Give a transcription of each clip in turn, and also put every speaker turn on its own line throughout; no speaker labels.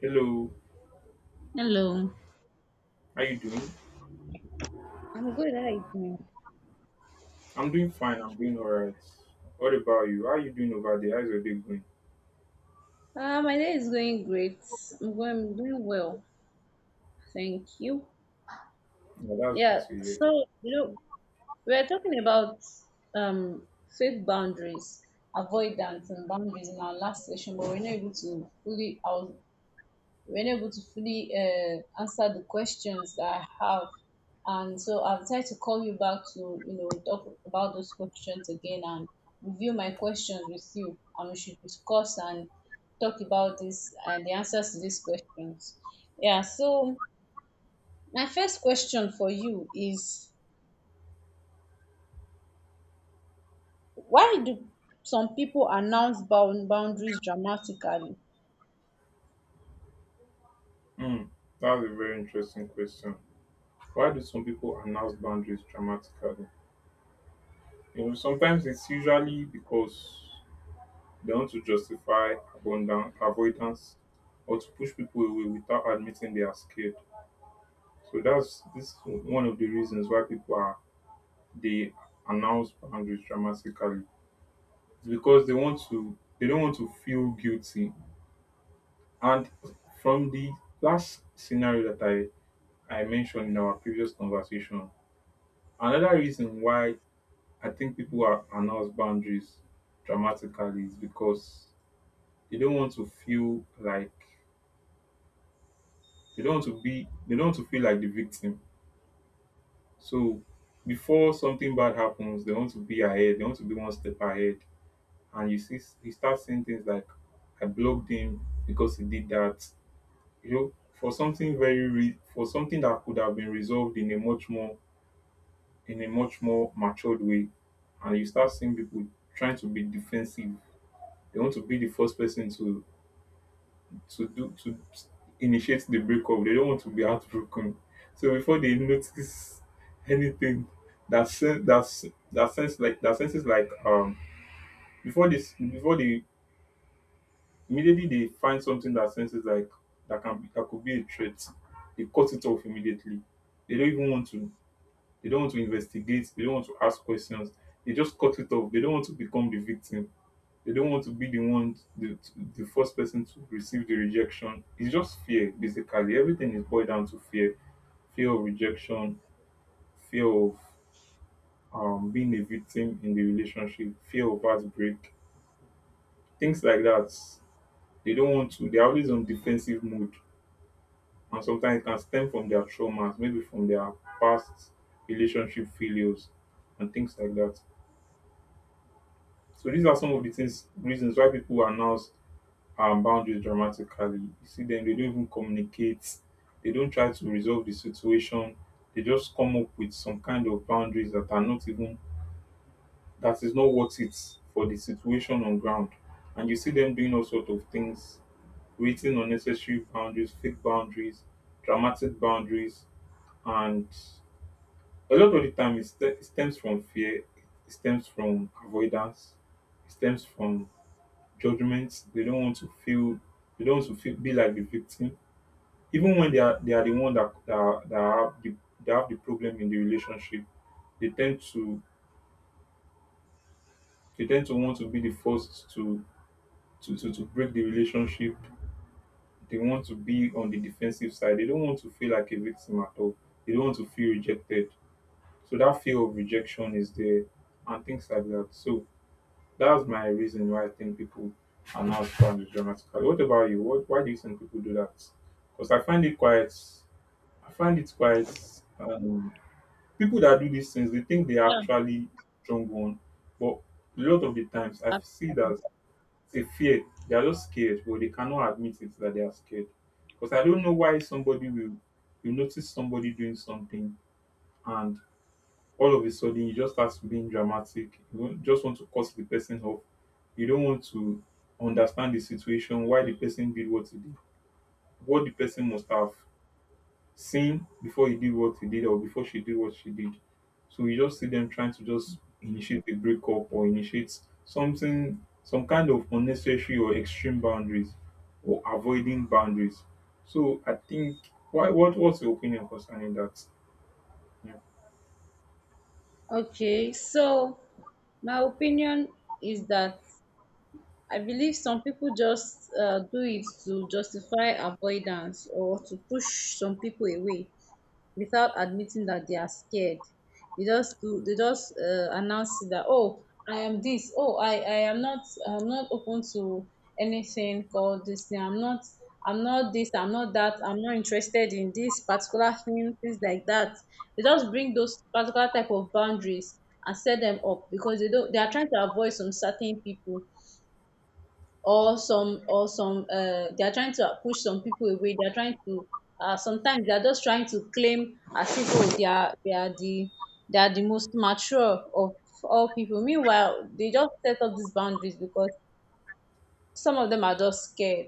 Hello,
Hello.
how you doing?
I'm good. How are you doing?
I'm doing fine. I'm doing all right. What about you? How you doing over there? How's your day going?
My day is going great. I'm doing well. Thank you.
Yeah, that's
Yeah.
good to hear.
So you
That.
know we are talking about um fake boundaries, avoidance and boundaries in our last session, but we're not able to fully. I was You were not able to fully answer the questions that I have. And so I'll try to call you back to, talk about those questions again and review my questions with you. And we should discuss and talk about this and the answers to these questions. Yeah, so my first question for you is, why do some people announce boundaries dramatically?
Mm, that's a very interesting question. Why do some people announce boundaries dramatically? You know, sometimes it's usually because they want to justify abundance, avoidance, or to push people away without admitting they are scared. So that's this is one of the reasons why people are they announce boundaries dramatically. Because they don't want to feel guilty, and from the last scenario that I mentioned in our previous conversation, another reason why I think people are announce boundaries dramatically is because they don't want to feel like they don't want to feel like the victim. So before something bad happens, they want to be one step ahead, and you see you start seeing things like, I blocked him because he did that, you know for something for something that could have been resolved in a much more, in a much more matured way. And you start seeing people trying to be defensive. They want to be the first person to do to initiate the breakup. They don't want to be heartbroken. So before they notice anything, that sense that sen- that sense like that sense is like before they, immediately, they find something that senses like that can be, that could be a threat, they cut it off immediately. They don't even want to, they don't want to investigate, they don't want to ask questions, they just cut it off. They don't want to become the victim. They don't want to be the one the first person to receive the rejection. It's just fear basically. Everything is boiled down to fear. Fear of rejection, fear of being a victim in the relationship, fear of heartbreak, things like that. They don't want to, they're always on defensive mode, and sometimes it can stem from their traumas, maybe from their past relationship failures and things like that. So these are some of the things reasons why people announce boundaries dramatically. You see them, they don't even communicate, they don't try to resolve the situation, they just come up with some kind of boundaries that are not even, that is not worth it for the situation on ground. And you see them doing all sorts of things, creating unnecessary boundaries, fake boundaries, dramatic boundaries, and a lot of the time it stems from fear, it stems from avoidance, it stems from judgment. They don't want to feel, they don't want to be like the victim, even when they are the one that that have the, that have the problem in the relationship. They tend to they tend to want to be the first to to break the relationship. They want to be on the defensive side, they don't want to feel like a victim at all, they don't want to feel rejected. So that fear of rejection is there and things like that. So that's my reason why I think people are now strong dramatically. What about you? Why do you think people do that? Because I find it quite, um, people that do these things, they think they are
Yeah.
actually strong one. But a lot of the times, I see that it's a fear. They are just scared, but they cannot admit it that they are scared. Because I don't know why somebody will, you notice somebody doing something, and all of a sudden you just start being dramatic. You won't- Just want to cut the person off. You don't want to understand the situation, why the person did what he did, what the person must have seen before he did what he did or before she did what she did. So you just see them trying to just initiate a breakup or initiate something, some kind of unnecessary or extreme boundaries or avoiding boundaries. So I think why what what's your opinion concerning that? Yeah.
Okay, so my opinion is that I believe some people just do it to justify avoidance or to push some people away without admitting that they are scared. They just do. They just announce it that, oh, I am this. Oh, I am not. I'm not open to anything called this thing. I'm not. I'm not this. I'm not that. I'm not interested in this particular thing. Things like that. They just bring those particular type of boundaries and set them up because they don't. They are trying to avoid some certain people or some or some they are trying to push some people away, they are trying to sometimes they are just trying to claim as if, oh, they are they are the most mature of all people, meanwhile they just set up these boundaries because some of them are just scared,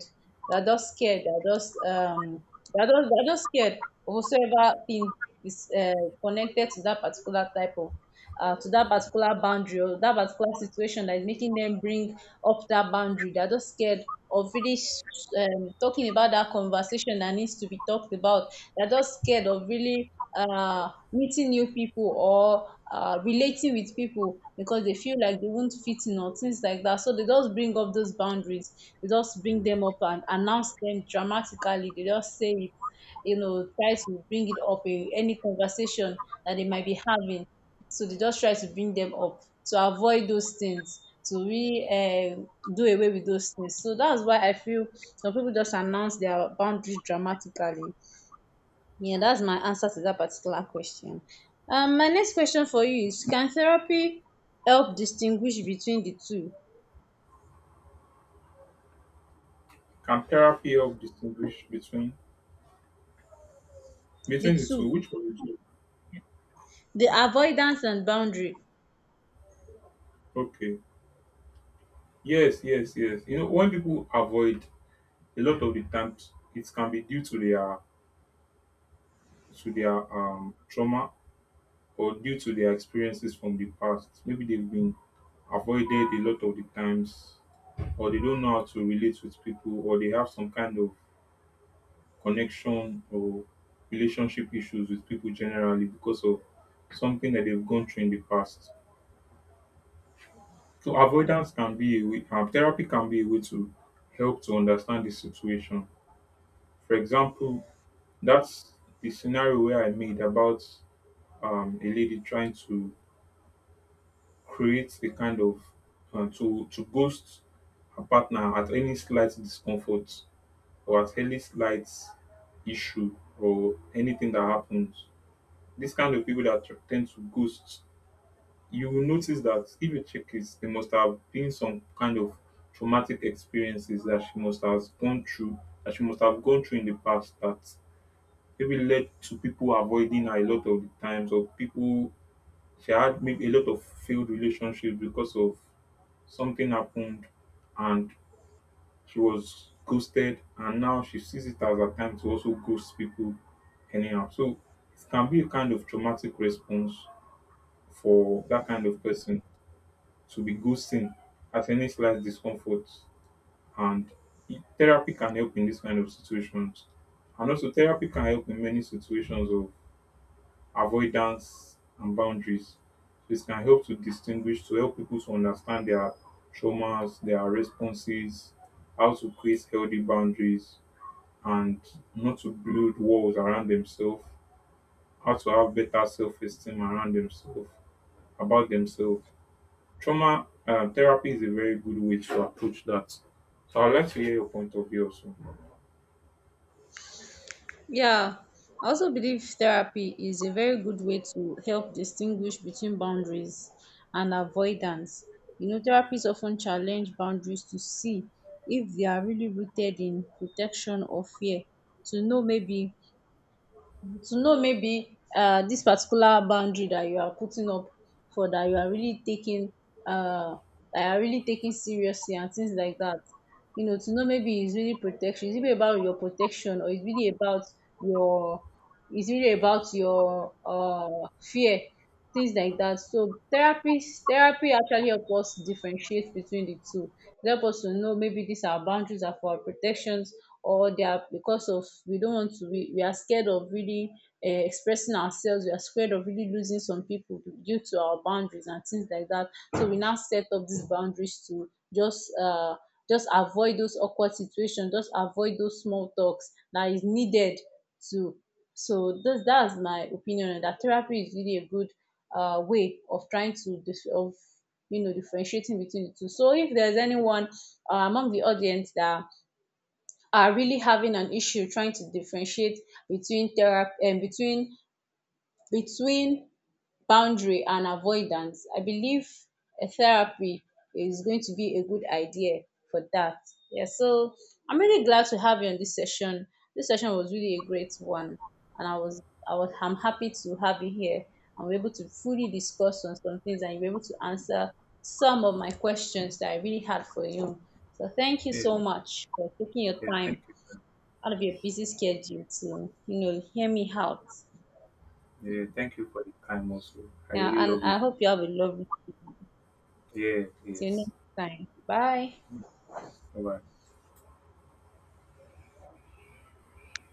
they're just they're just scared of whatsoever thing is connected to that particular type of to that particular boundary or that particular situation that is making them bring up that boundary. They're just scared of really talking about that conversation that needs to be talked about. They're just scared of really meeting new people or relating with people because they feel like they won't fit in or things like that. So they just bring up those boundaries. They just bring them up and announce them dramatically. They just say it, try to bring it up in any conversation that they might be having. So they just try to bring them up to avoid those things, to really do away with those things. So that's why I feel some people just announce their boundary dramatically. Yeah, that's my answer to that particular question. My next question for you is, can therapy help distinguish between the two?
Can therapy help distinguish between May
The
22,
two,
which one is it?
the avoidance and boundary.
Okay. Yes, yes, yes. You know, when people avoid a lot of the times, it can be due to their, to their trauma, or due to their experiences from the past. Maybe they've been avoided a lot of the times, or they don't know how to relate with people, or they have some kind of connection or relationship issues with people generally because of something that they've gone through in the past. So avoidance can be a way, therapy can be a way to help to understand the situation. For example, that's the scenario where I made about a lady trying to create a kind of to ghost her partner at any slight discomfort or at any slight issue or anything that happens. This kind of people that tend to ghost, you will notice that if you check it, it must have been some kind of traumatic experiences that she must have gone through, that she must have gone through in the past, that maybe led to people avoiding her a lot of the times, or people she had maybe a lot of failed relationships because of something happened, and she was ghosted, and now she sees it as a time to also ghost people anyhow. So it can be a kind of traumatic response for that kind of person to be ghosting at any slight discomfort, and therapy can help in this kind of situations. And also therapy can help in many situations of avoidance and boundaries. This can help to distinguish, to help people to understand their traumas, their responses, how to create healthy boundaries, and not to build walls around themselves, how to have better self-esteem around themselves, about themselves. Trauma Therapy is a very good way to approach that. So I'd like to hear your point of view also.
Yeah, I also believe therapy is a very good way to help distinguish between boundaries and avoidance. You know, therapists often challenge boundaries to see if they are really rooted in protection or fear, to know maybe this particular boundary that you are putting up for that you are really taking uh, seriously and things like that. You know, to know maybe it's really protection. It's really about your protection or it's really about your it's really about your fear, things like that. So therapy actually help us differentiate between the two. It help us to know maybe these are boundaries are for our protections, or they are because of we don't want to, we are scared of really expressing ourselves, we are scared of really losing some people due to our boundaries and things like that. So we now set up these boundaries to just uh just avoid those awkward situations, just avoid those small talks that is needed to, so this that's my opinion on that. Therapy is really a good way of trying to dis- of you know differentiating between the two. So if there's anyone among the audience that are really having an issue trying to differentiate between therapy and between between boundary and avoidance, I believe a therapy is going to be a good idea for that. Yeah, so I'm really glad to have you on this session. This session was really a great one, and I was I'm happy to have you here, and we're able to fully discuss on some things, and you were able to answer some of my questions that I really had for you. So thank you
Yeah,
so much for taking your
yeah, thank
time
you.
out of your
Yes.
busy schedule to you know hear me out.
Yeah, thank you for the time also. I
Yeah,
really
and
love
I
you.
hope you have a lovely.
Yeah,
See you
yes.
next time. Bye.
Bye bye.